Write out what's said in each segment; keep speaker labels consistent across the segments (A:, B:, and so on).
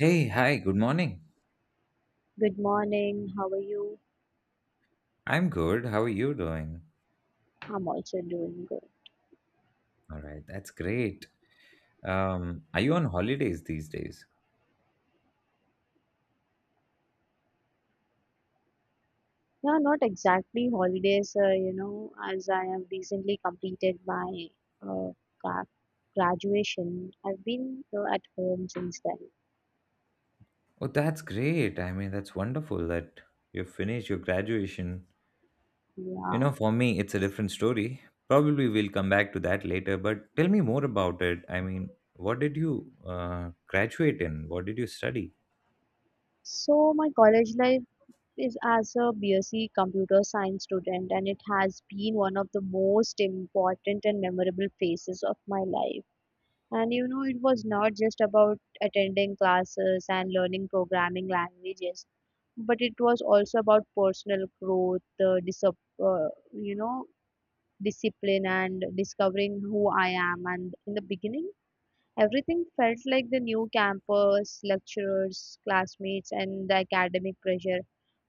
A: Hey, hi, good morning.
B: Good morning. How are you?
A: I'm good. How are you doing?
B: I'm also doing good.
A: All right, that's great. Are you on holidays these days?
B: Yeah, not exactly holidays, as I have recently completed my uh, gra- graduation. I've been at home since then.
A: Oh, that's great. I mean, that's wonderful that you finished your graduation. You know,
B: Yeah.
A: for me, it's a different story. Probably we'll come back to that later, but tell me more about it. I mean, what did you graduate in? What did you study?
B: So my college life is as a BSc computer science student, and it has been one of the most important and memorable phases of my life. And it was not just about attending classes and learning programming languages, but it was also about personal growth, uh, you know, discipline, and discovering who I am. And in the beginning, everything felt like the new campus, lecturers, classmates, and the academic pressure.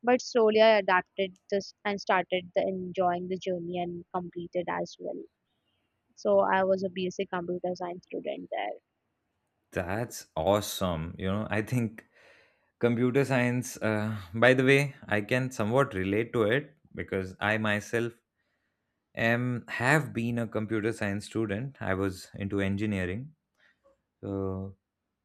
B: But slowly, I adapted this and started the enjoying the journey and completed as well. So I was a BSc computer science student there.
A: That's awesome. You know, I think computer science, by the way, I can somewhat relate to it because I myself am have been a computer science student. I was into engineering. So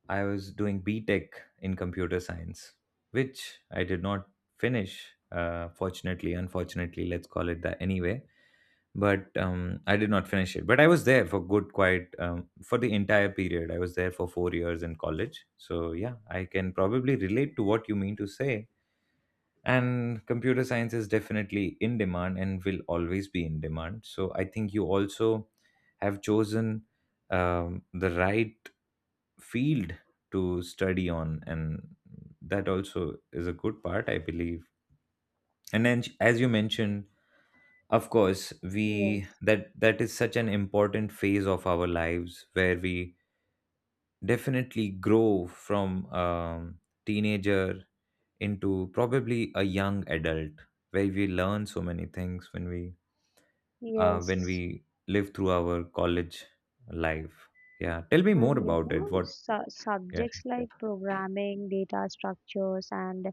A: I was doing B Tech in computer science, which I did not finish. Fortunately, unfortunately, let's call it that anyway. But I did not finish it. But I was there for good, quite for the entire period. I was there for 4 years in college. So yeah, I can probably relate to what you mean to say, and computer science is definitely in demand and will always be in demand. So I think you also have chosen the right field to study on, and that also is a good part, I believe. And then as you mentioned, of course, we
B: Yes.
A: that is such an important phase of our lives where we definitely grow from teenager into probably a young adult where we learn so many things when
B: Yes,
A: we live through our college life. Yeah, tell me more
B: and you
A: about it.
B: know,
A: What?
B: su-
A: Yeah.
B: subjects like programming, data structures, and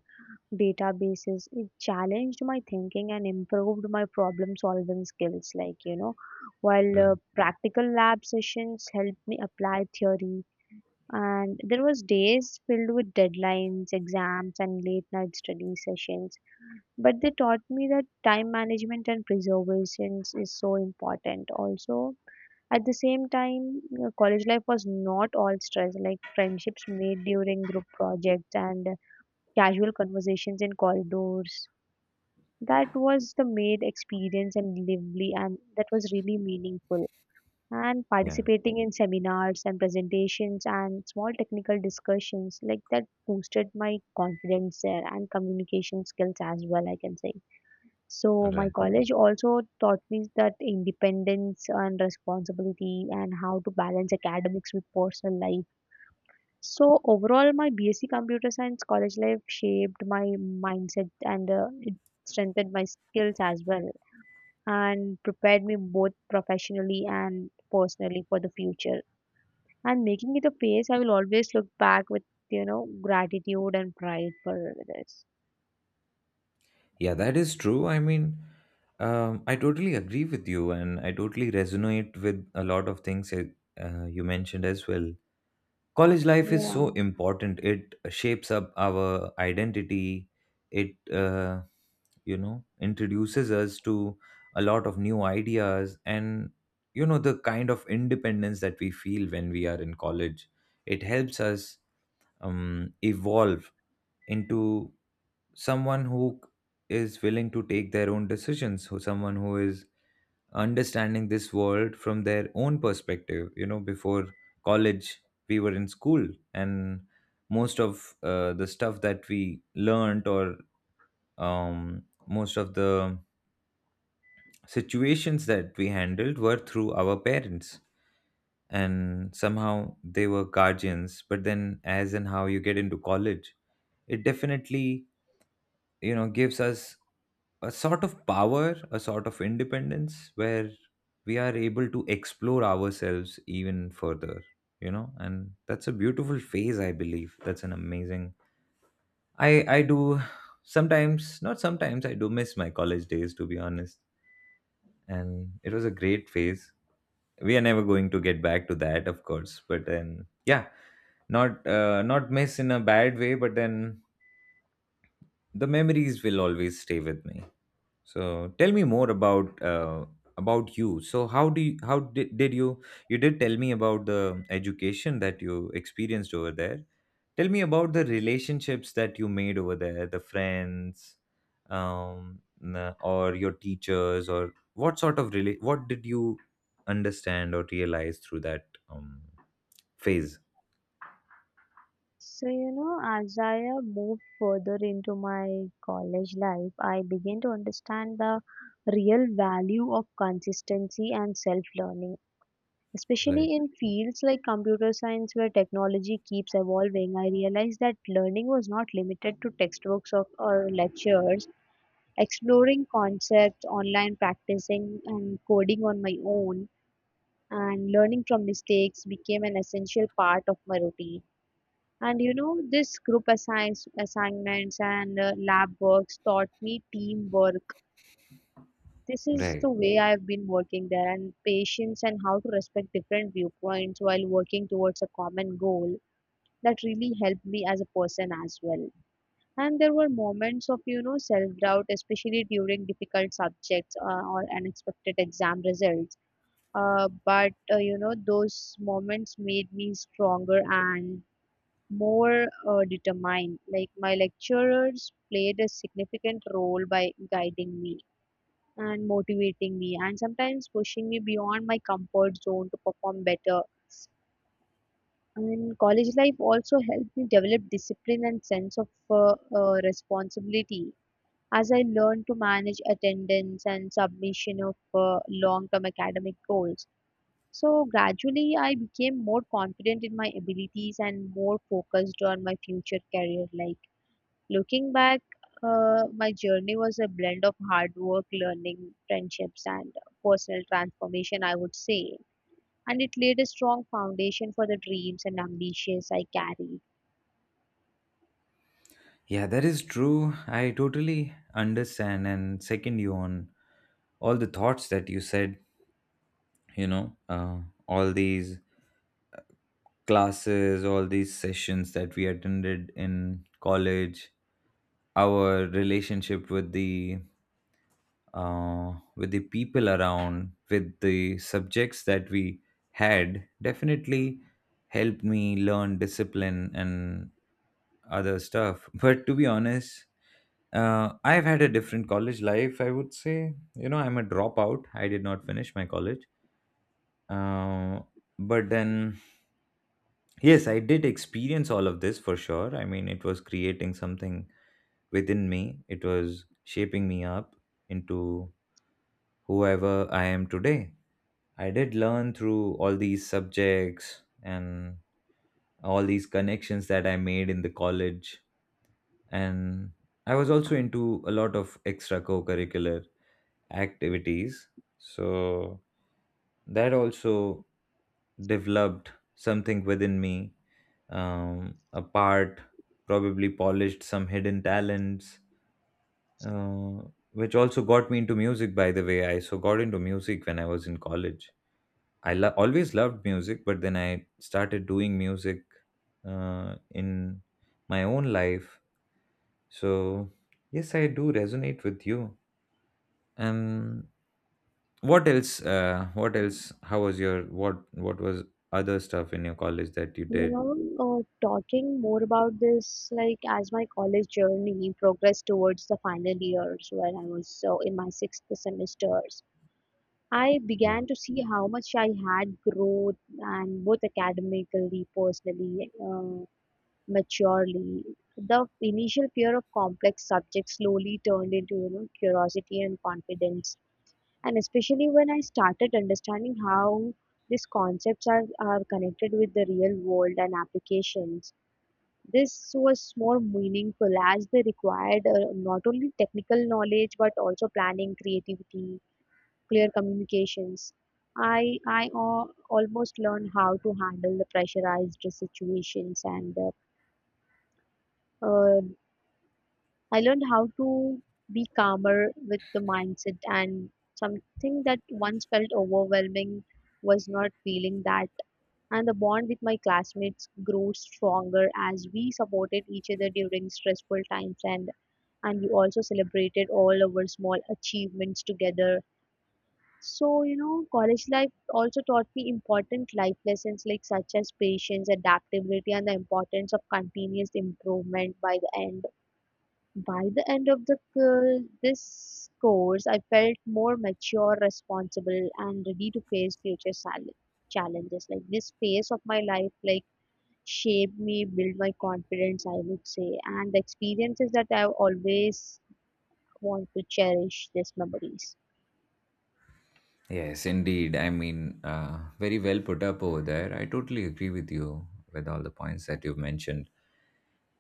B: databases, it challenged my thinking and improved my problem solving skills. Like, while
A: uh,
B: practical lab sessions helped me apply theory, and there was days filled with deadlines, exams, and late night study sessions. But they taught me that time management and preservations is so important. Also, at the same time, college life was not all stress, like friendships made during group projects and casual conversations in corridors. That was the made experience and lively, and that was really meaningful. And
A: yeah
B: participating in seminars and presentations and small technical discussions, like that boosted my confidence there and communication skills as well, I can say.
A: all
B: So my
A: right.
B: college also taught me that independence and responsibility and how to balance academics with personal life. So overall, my BSc Computer Science college life shaped my mindset and it strengthened my skills as well and prepared me both professionally and personally for the future. And making it a phase I will always look back with, gratitude and pride for this.
A: Yeah, that is true. I mean, I totally agree with you, and I totally resonate with a lot of things that, you mentioned as well. College life is so
B: Yeah.
A: important. It shapes up our identity. It, uh, you know introduces us to a lot of new ideas, and you know, the kind of independence that we feel when we are in college, it helps us evolve into someone who is willing to take their own decisions, who someone who is understanding this world from their own perspective. You know, before college, we were in school, and most of the stuff that we learned, or most of the situations that we handled were through our parents, and somehow they were guardians. But then as and how you get into college, it definitely, you know, gives us a sort of power, a sort of independence, where we are able to explore ourselves even further. You know, and that's a beautiful phase, I believe. That's an amazing, I do sometimes, not sometimes, I do miss my college days, to be honest. And it was a great phase. We are never going to get back to that, of course, but then yeah, not not miss in a bad way, but then the memories will always stay with me. So tell me more about you. So how do you, how did you, you did tell me about the education that you experienced over there. Tell me about the relationships that you made over there, the friends, or your teachers, or what sort of what did you understand or realize through that phase?
B: So, as I moved further into my college life, I began to understand the real value of consistency and self learning,
A: Right.
B: especially in fields like computer science where technology keeps evolving. I realized that learning was not limited to textbooks of, or lectures. Exploring concepts, online practicing, and coding on my own, and learning from mistakes became an essential part of my routine, and this group assigns assignments and lab works taught me teamwork. This is the
A: Right.
B: way I've been working there, and patience and how to respect different viewpoints while working towards a common goal. That really helped me as a person as well. And there were moments of self doubt, especially during difficult subjects or unexpected exam results. But those moments made me stronger and more determined. Like my lecturers played a significant role by guiding me and motivating me, and sometimes pushing me beyond my comfort zone to perform better. And college life also helped me develop discipline and sense of responsibility as I learned to manage attendance and submission of long-term academic goals. So gradually, I became more confident in my abilities and more focused on my future career. Like, looking back, my journey was a blend of hard work, learning, friendships, and personal transformation, I would say. And it laid a strong foundation for the dreams and ambitions I carry.
A: Yeah, that is true. I totally understand and second you on all the thoughts that you said. You know, all these classes, all these sessions that we attended in college, our relationship with the, with the people around, with the subjects that we had, definitely helped me learn discipline and other stuff. But to be honest, I've had a different college life, I would say. You know, I'm a dropout. I did not finish my college. uh, but then, yes, I did experience all of this for sure. I mean, it was creating something within me. It was shaping me up into whoever I am today. I did learn through all these subjects and all these connections that I made in the college. And I was also into a lot of extra co curricular activities, so that also developed something within me, a part, probably polished some hidden talents, uh, which also got me into music. By the way, I so got into music when I was in college. Always loved music, but then I started doing music in my own life. So yes, I do resonate with you. um, what else? What else? How was your what? What was other stuff in your college that you
B: You
A: did?
B: know, Talking more about this, like as my college journey progressed towards the final years when I was in my sixth semesters, I
A: Mm.
B: began to see how much I had growth and both academically, personally, maturely. The initial fear of complex subjects slowly turned into curiosity and confidence. And especially when I started understanding how these concepts are connected with the real world and applications, this was more meaningful as they required not only technical knowledge but also planning, creativity, clear communications. I almost learned how to handle the pressurized situations, and uh, uh, I learned how to be calmer with the mindset, and something that once felt overwhelming was not feeling that. And the bond with my classmates grew stronger as we supported each other during stressful times, and we also celebrated all our small achievements together. So, college life also taught me important life lessons like such as patience, adaptability, and the importance of continuous improvement by the end of this course, I felt more mature, responsible, and ready to face future challenges. Like this phase of my life, like shaped me, built my confidence, I would say, and the experiences that I always want to cherish. These memories.
A: Yes, indeed. I mean, very well put up over there. I totally agree with you with all the points that you've mentioned.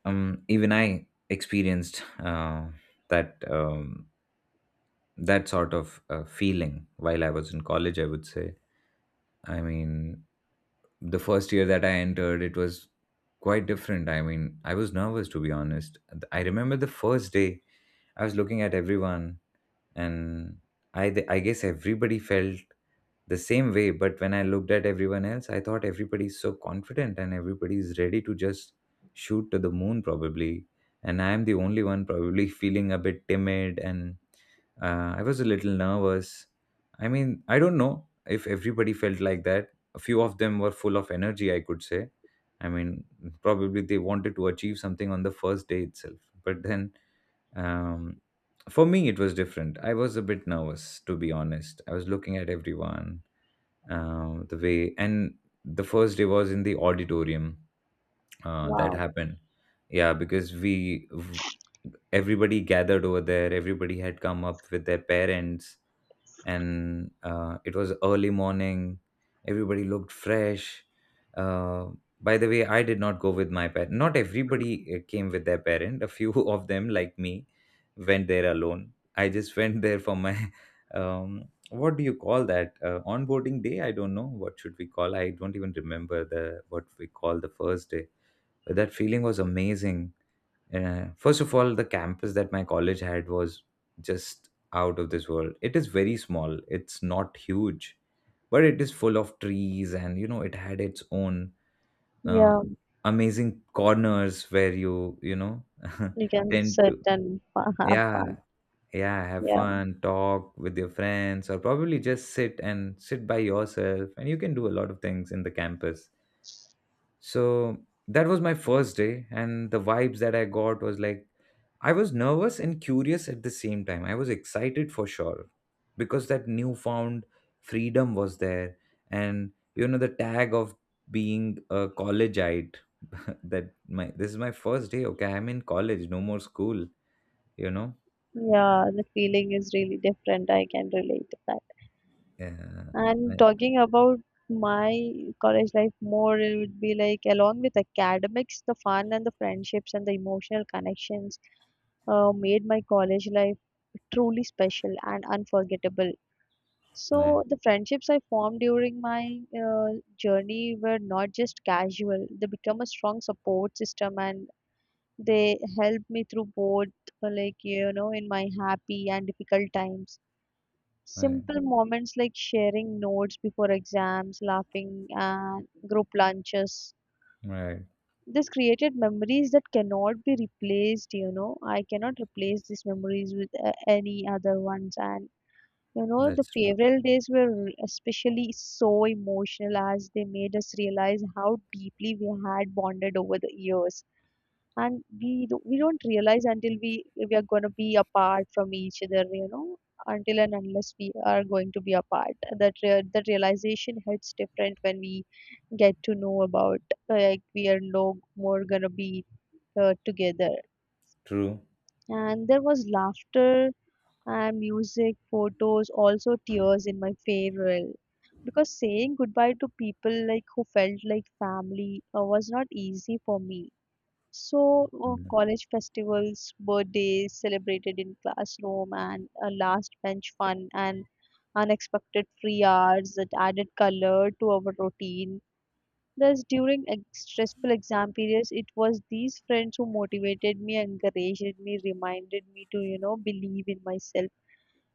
A: Even I experienced that that sort of feeling while I was in college. I would say, I mean, the first year that I entered, it was quite different. I mean, I was nervous, to be honest. I remember the first day I was looking at everyone, and I guess everybody felt the same way. But when I looked at everyone else, I thought everybody's so confident and everybody's ready to just shoot to the moon, probably, and I'm the only one, probably, feeling a bit timid and I was a little nervous. I mean, I don't know if everybody felt like that. A few of them were full of energy, I could say. I mean, probably they wanted to achieve something on the first day itself. But then um, for me, it was different. I was a bit nervous, to be honest. I was looking at everyone, the way, and the first day was in the auditorium. That
B: Wow.
A: happened, yeah, because everybody gathered over there. Everybody had come up with their parents, and it was early morning. Everybody looked fresh. uh, by the way, I did not go with my parent. Not everybody came with their parent. A few of them, like me, went there alone. I just went there for my what do you call that, onboarding day. I don't know what should we call. I don't even remember the what we call the first day. But that feeling was amazing. Uh, first of all, the campus that my college had was just out of this world. It is very small, it's not huge, but it is full of trees, and you know, it had its own uh,
B: Yeah,
A: amazing corners where you know,
B: you can
A: tend
B: sit
A: to,
B: and have
A: yeah,
B: fun.
A: yeah, have
B: Yeah,
A: fun, talk with your friends, or probably just sit and sit by yourself, and you can do a lot of things in the campus. So that was my first day, and the vibes that I got was like, I was nervous and curious at the same time. I was excited for sure because that newfound freedom was there. And, you know, the tag of being a collegeite, that my this is my first day. Okay, I'm in college, no more school, you know?
B: yeah, the feeling is really different. I can relate to that.
A: Yeah.
B: And
A: Right.
B: talking about my college life more, it would be like along with academics, the fun and the friendships and the emotional connections made my college life truly special and unforgettable.
A: Right.
B: So the friendships I formed during my journey were not just casual; they become a strong support system, and they helped me through both, like in my happy and difficult times.
A: Right.
B: Simple moments like sharing notes before exams, laughing, and group lunches.
A: Right.
B: This created memories that cannot be replaced. I cannot replace these memories with any other ones. And, the
A: That's true.
B: farewell days were especially so emotional as they made us realize how deeply we had bonded over the years, and we do, we don't realize until we are going to be apart from each other. You know, until and unless we are going to be apart, that realization hits different when we get to know about, like, we are no more gonna be together.
A: True.
B: And there was laughter and music photos, also tears in my farewell, because saying goodbye to people like who felt like family was not easy for me. So,
A: Mm,
B: college festivals, birthdays celebrated in classroom, and a last bench fun, and unexpected free hours that added color to our routine. Thus, during stressful exam periods, it was these friends who motivated me, encouraged me, reminded me to, believe in myself.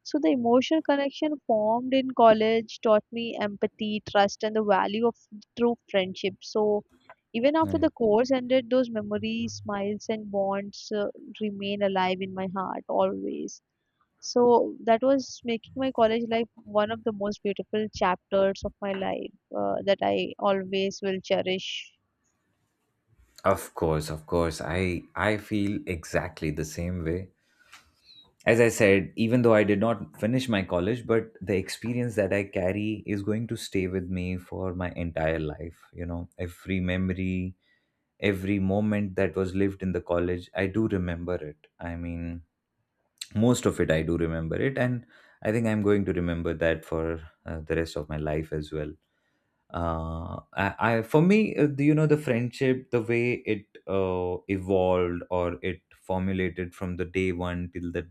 B: So the emotional connection formed in college taught me empathy, trust, and the value of true friendship. So even after
A: right.
B: the course ended, those memories, smiles, and bonds remain alive in my heart always. So that was making my college life one of the most beautiful chapters of my life that I always will cherish.
A: Of course, of course. I feel exactly the same way. As I said, even though I did not finish my college, but the experience that I carry is going to stay with me for my entire life. You know, every memory, every moment that was lived in the college, I do remember it. I mean, most of it, I do remember it. And I think I'm going to remember that for the rest of my life as well. I For me, you know, the friendship, the way it evolved or it formulated from the day one till the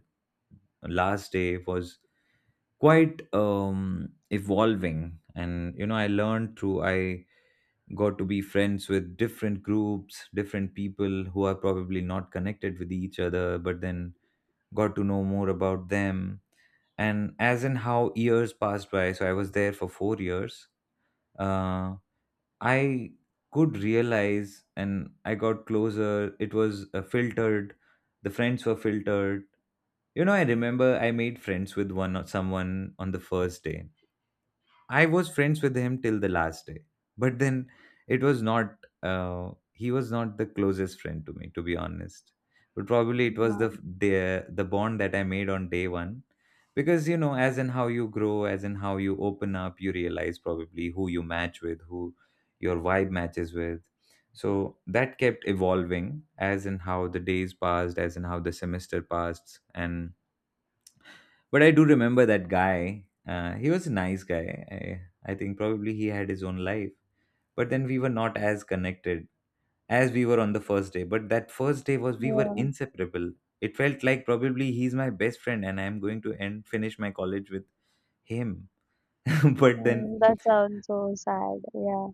A: last day was quite evolving. And you know, I learned through I got to be friends with different groups, different people, who are probably not connected with each other, but then got to know more about them. And as in how years passed by, so I was there for 4 years. Uh, I could realize and I got closer. It was filtered. The friends were filtered. You know, I remember I made friends with one or someone on the first day. I was friends with him till the last day, but then it was not. He was not the closest friend to me, to be honest. But probably it was
B: Wow.
A: the bond that I made on day one, because you know, as in how you grow, as in how you open up, you realize probably who you match with, who your vibe matches with. So that kept evolving, as in how the days passed, as in how the semester passed, and but I do remember that guy. He was a nice guy. I think probably he had his own life. But then we were not as connected as we were on the first day. But that first day was we were
B: Yeah.
A: inseparable. It felt like probably he's my best friend and I'm going to end finish my college with him. but then
B: Mm, that sounds so sad. Yeah,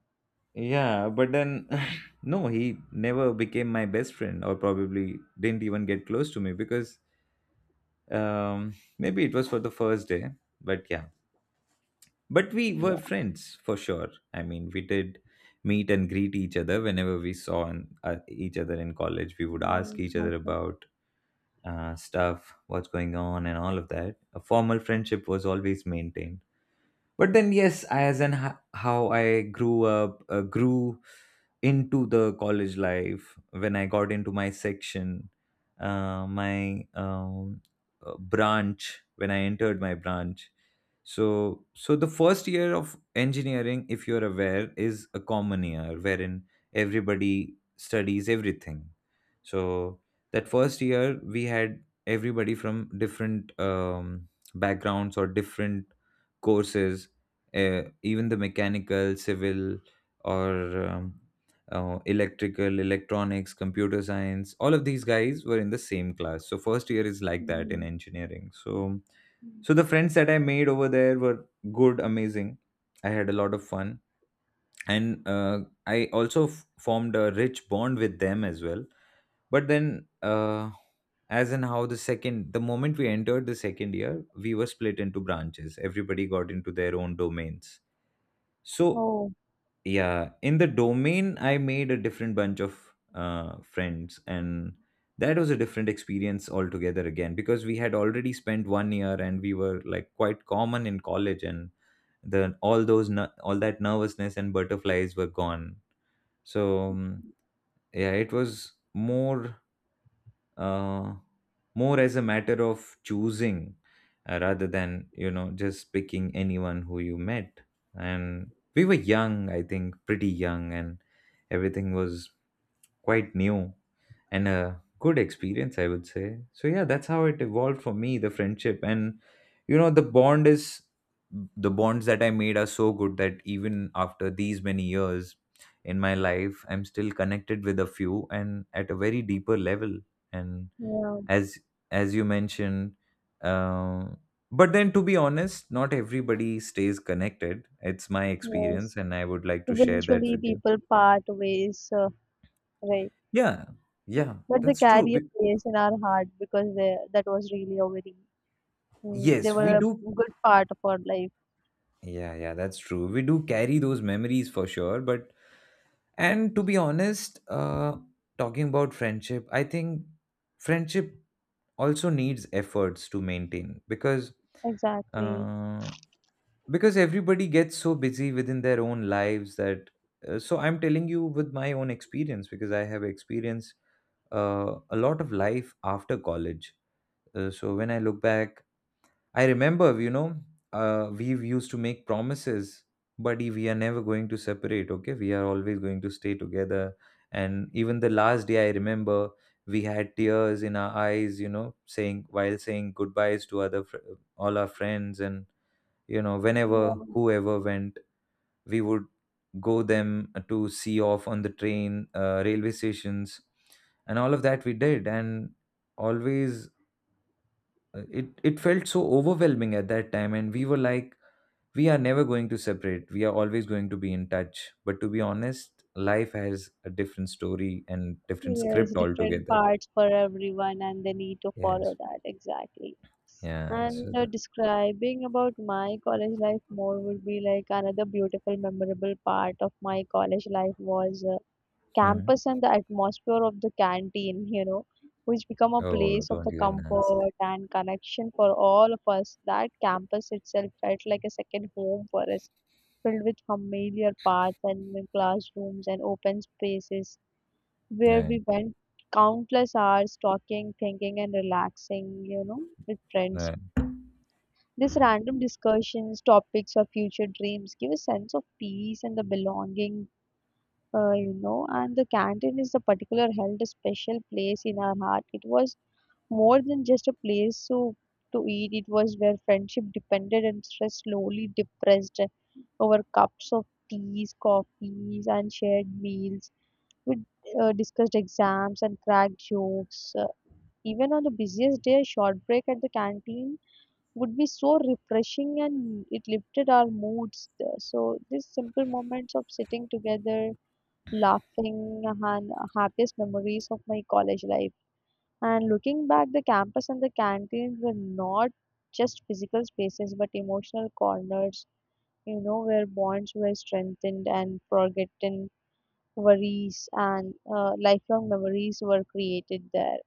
A: Yeah, but then, no, he never became my best friend, or probably didn't even get close to me, because maybe it was for the first day. But yeah. But we were
B: yeah.
A: friends for sure. I mean, we did meet and greet each other whenever we saw each other in college. We would ask
B: Mm,
A: each other
B: okay.
A: about stuff, what's going on, and all of that. A formal friendship was always maintained. But then, yes, how I grew up, grew into the college life, when I got into my section, my branch, when I entered my branch, so the first year of engineering, if you're aware, is a common year, wherein everybody studies everything. So that first year, we had everybody from different backgrounds, or different courses, even the mechanical, civil, or electrical, electronics, computer science. All of these guys were in the same class, so first year is like that in
B: Mhm.
A: engineering. So the friends that I made over there were good, amazing. I had a lot of fun, and I also formed a rich bond with them as well. But then, as in how the moment we entered the second year, we were split into branches. Everybody got into their own domains. So,
B: Oh.
A: yeah, in the domain I made a different bunch of friends, and that was a different experience altogether again, because we had already spent one year and we were like quite common in college, and the all those ner- all that nervousness and butterflies were gone. So yeah, it was more, uh, more as a matter of choosing, rather than, just picking anyone who you met. And we were young, I think pretty young, and everything was quite new, and a good experience, I would say. So yeah, that's how it evolved for me, the friendship. And you know, the bonds that I made are so good that even after these many years in my life, I'm still connected with a few, and at a very deeper level. And
B: Yeah,
A: as as you mentioned, um, but then, to be honest, not everybody stays connected. It's my experience,
B: yes.
A: and I would like to share that
B: Eventually,
A: with you.
B: people part ways, right?
A: Yeah. Yeah,
B: But they
A: that's true.
B: carry a place in our heart because they, that was really a very, mm, they
A: Yes, we
B: were
A: do.
B: a good part of our life.
A: Yeah, yeah, that's true. We do carry those memories for sure, but and to be honest, talking about friendship, I think friendship also needs efforts to maintain, because
B: Exactly.
A: uh, everybody gets so busy within their own lives. That So I'm telling you with my own experience, because I have experienced a lot of life after college. So when I look back, I remember, we used to make promises: "Buddy, we are never going to separate. Okay, we are always going to stay together." And even the last day, I remember we had tears in our eyes, you know, saying goodbyes to all our friends. And you know, whenever
B: Yeah,
A: whoever went, we would go them to see off on the train, railway stations, and all of that, we did. And always, it felt so overwhelming at that time, and we were like, we are never going to separate, we are always going to be in touch. But to be honest, life has a different story and different
B: yes,
A: script
B: different
A: altogether.
B: parts for everyone, and they need to
A: Yes.
B: follow that. Exactly.
A: Yeah,
B: And describing about my college life more would be like another beautiful, memorable part of my college life was
A: hmm.
B: campus and the atmosphere of the canteen, which become a
A: Oh,
B: place of
A: don't
B: the
A: even ask.
B: comfort and connection for all of us. That campus itself felt like a second home for us, filled with familiar paths and classrooms and open spaces where
A: Right.
B: we went countless hours talking, thinking, and relaxing, with friends.
A: Right.
B: These random discussions, topics, or future dreams give a sense of peace and the belonging and the canteen is a particular held a special place in our heart. It was more than just a place to eat. It was where friendship depended and stress slowly depressed over cups of teas, coffees, and shared meals. We discussed exams and cracked jokes. Even on the busiest day, a short break at the canteen would be so refreshing and it lifted our moods. So these simple moments of sitting together laughing and happiest memories of my college life. And looking back, the campus and the canteens were not just physical spaces but emotional corners, where bonds were strengthened and forgotten worries and lifelong memories were created there.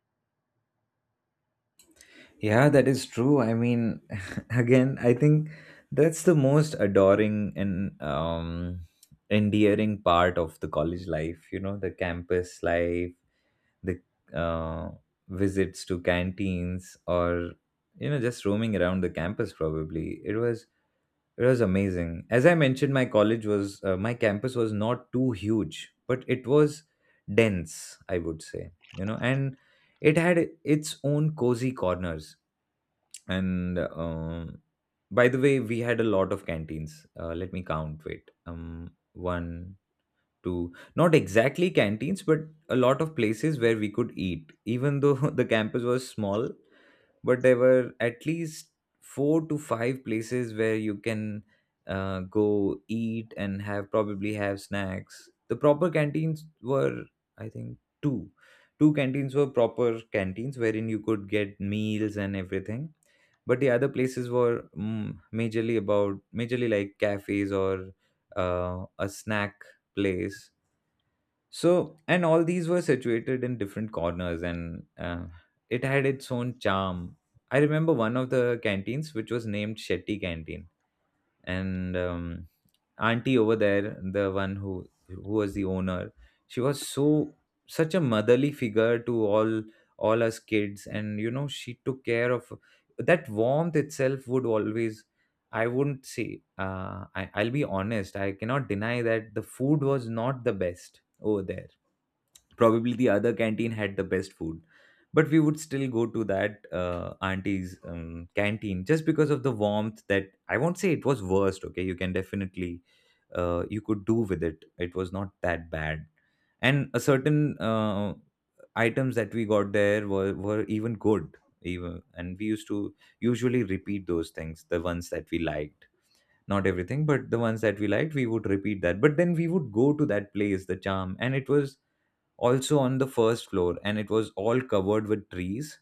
A: Yeah, that is true. I mean, again, I think that's the most adoring and endearing part of the college life, you know, the campus life, the uh, visits to canteens, or, you know, just roaming around the campus probably. It was. It was amazing. As I mentioned, my college was, my campus was not too huge, but it was dense, I would say, you know, and it had its own cozy corners. And by the way, we had a lot of canteens. Let me count. Wait, one, two. Not exactly canteens, but a lot of places where we could eat, even though the campus was small. But there were at least four to five places where you can go eat and have probably have snacks. The proper canteens were, I think, two. Two canteens were proper canteens, wherein you could get meals and everything. But the other places were majorly like cafes, or a snack place. So, and all these were situated in different corners, and it had its own charm. I remember one of the canteens, which was named Shetty Canteen, and auntie over there, the one who was the owner, she was so such a motherly figure to all us kids, and you know, she took care of that warmth itself would always. I wouldn't say. I'll be honest. I cannot deny that the food was not the best over there. Probably the other canteen had the best food, but we would still go to that auntie's canteen just because of the warmth. That I won't say it was worst. Okay, you can definitely, you could do with it. It was not that bad, and a certain items that we got there were even good. Even And we used to usually repeat those things, the ones that we liked. Not everything, but the ones that we liked, we would repeat that. But then we would go to that place, the charm. And it was also on the first floor, and it was all covered with trees,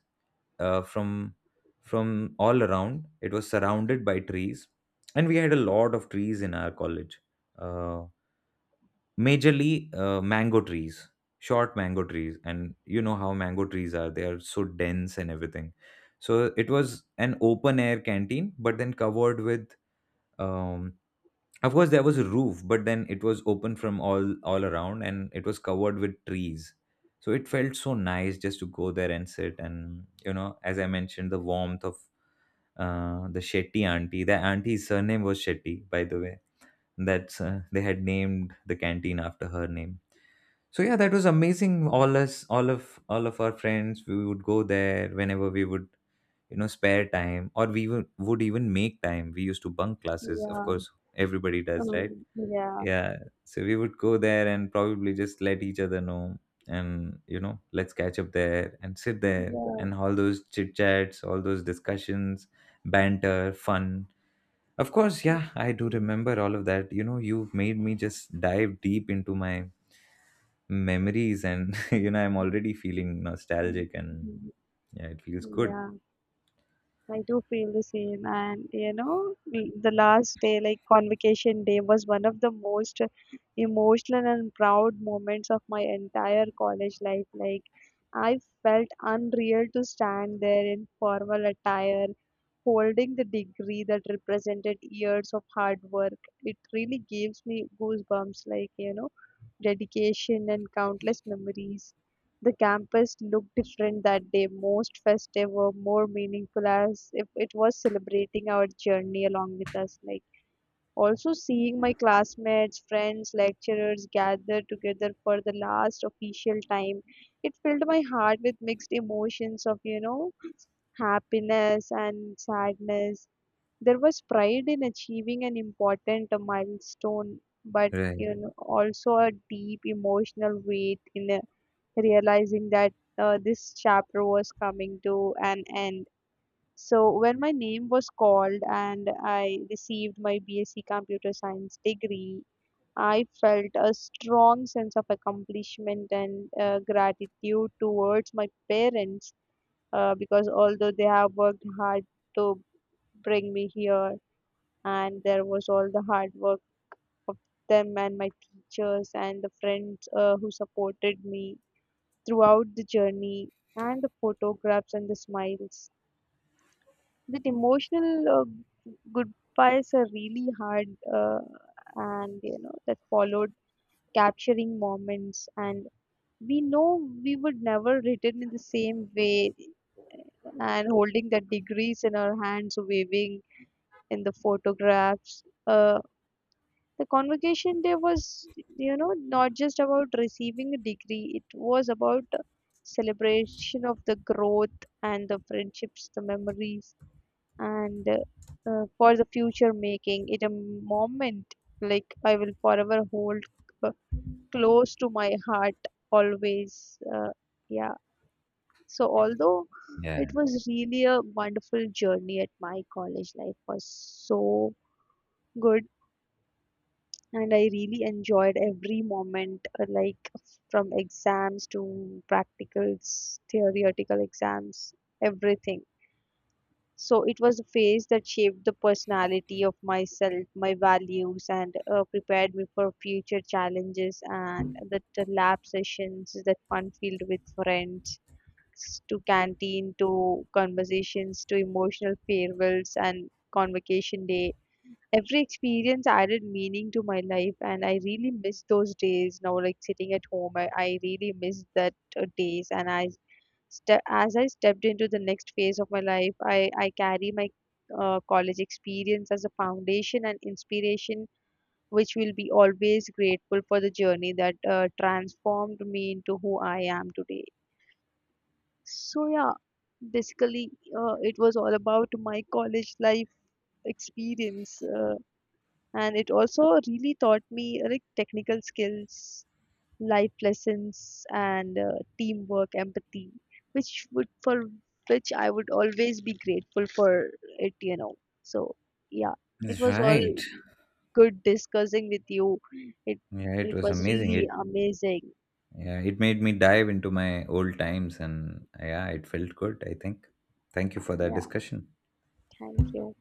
A: from all around it was surrounded by trees. And we had a lot of trees in our college, uh, majorly, mango trees, short mango trees. And you know how mango trees are, they are so dense and everything. So it was an open air canteen, but then covered with, um, of course, there was a roof, but then it was open from all around, and it was covered with trees. So it felt so nice just to go there and sit. And you know, as I mentioned, the warmth of, the Shetty auntie. The auntie's surname was Shetty, by the way. That's, they had named the canteen after her name. So yeah, that was amazing. All us, all of our friends, we would go there whenever we would, you know, spare time, or we would, even make time. We used to bunk classes, of
B: Yeah,
A: course. Everybody does, right?
B: yeah,
A: Yeah. So we would go there and probably just let each other know, and let's catch up there and sit there,
B: yeah.
A: and all those chit chats, all those discussions, banter, fun. Of course. Yeah, I do
B: Mm,
A: remember all of that. You know, you've made me just dive deep into my memories. And you know, I'm already feeling
B: mm,
A: nostalgic. And
B: mm,
A: yeah, it feels
B: mm,
A: good.
B: yeah. I do feel the same, and the last day, like convocation day, was one of the most emotional and proud moments of my entire college life. Like, I felt unreal to stand there in formal attire, holding the degree that represented years of hard work. It really gives me goosebumps, like, dedication and countless memories. The campus looked different that day, most festive or more meaningful as if it was celebrating our journey along with us. Like also seeing my classmates, friends, lecturers gather together for the last official time. It filled my heart with mixed emotions of, happiness and sadness. There was pride in achieving an important milestone, but
A: Right.
B: also a deep emotional weight in a realizing that this chapter was coming to an end. So, when my name was called and I received my BSc Computer Science degree, I felt a strong sense of accomplishment and gratitude towards my parents because although they have worked hard to bring me here, and there was all the hard work of them and my teachers and the friends who supported me throughout the journey and the photographs and the smiles. That emotional goodbyes are really hard, uh, and that followed capturing moments, and we know we would never return in the same way, and holding the degrees in our hands waving in the photographs, the convocation day was, not just about receiving a degree, it was about celebration of the growth and the friendships, the memories, and for the future, making it a moment like I will forever hold uh, close to my heart always. Yeah. So although it
A: Yeah,
B: was really a wonderful journey at my college life was so good, and I really enjoyed every moment, like from exams to practicals, theoretical exams, everything. So it was a phase that shaped the personality of myself, my values, and prepared me for future challenges. And the lab sessions that fun filled with friends, to canteen, to conversations, to emotional farewells and convocation day, every experience added meaning to my life, and I really miss those days now, like sitting at home, I really miss that days, and as I stepped into the next phase of my life, I carry my college experience as a foundation and inspiration, which will be always grateful for the journey that transformed me into who I am today. So yeah, basically it was all about my college life experience, and it also really taught me like technical skills, life lessons, and teamwork empathy, which would for which I would always be grateful for it, so yeah. It
A: that's
B: was all
A: right.
B: good discussing with you. it
A: Yeah, it
B: it
A: was
B: was
A: amazing.
B: really
A: It.
B: amazing.
A: Yeah, it made me dive into my old times, and yeah, it felt good, I think. Thank you for that
B: Yeah,
A: discussion.
B: thank you.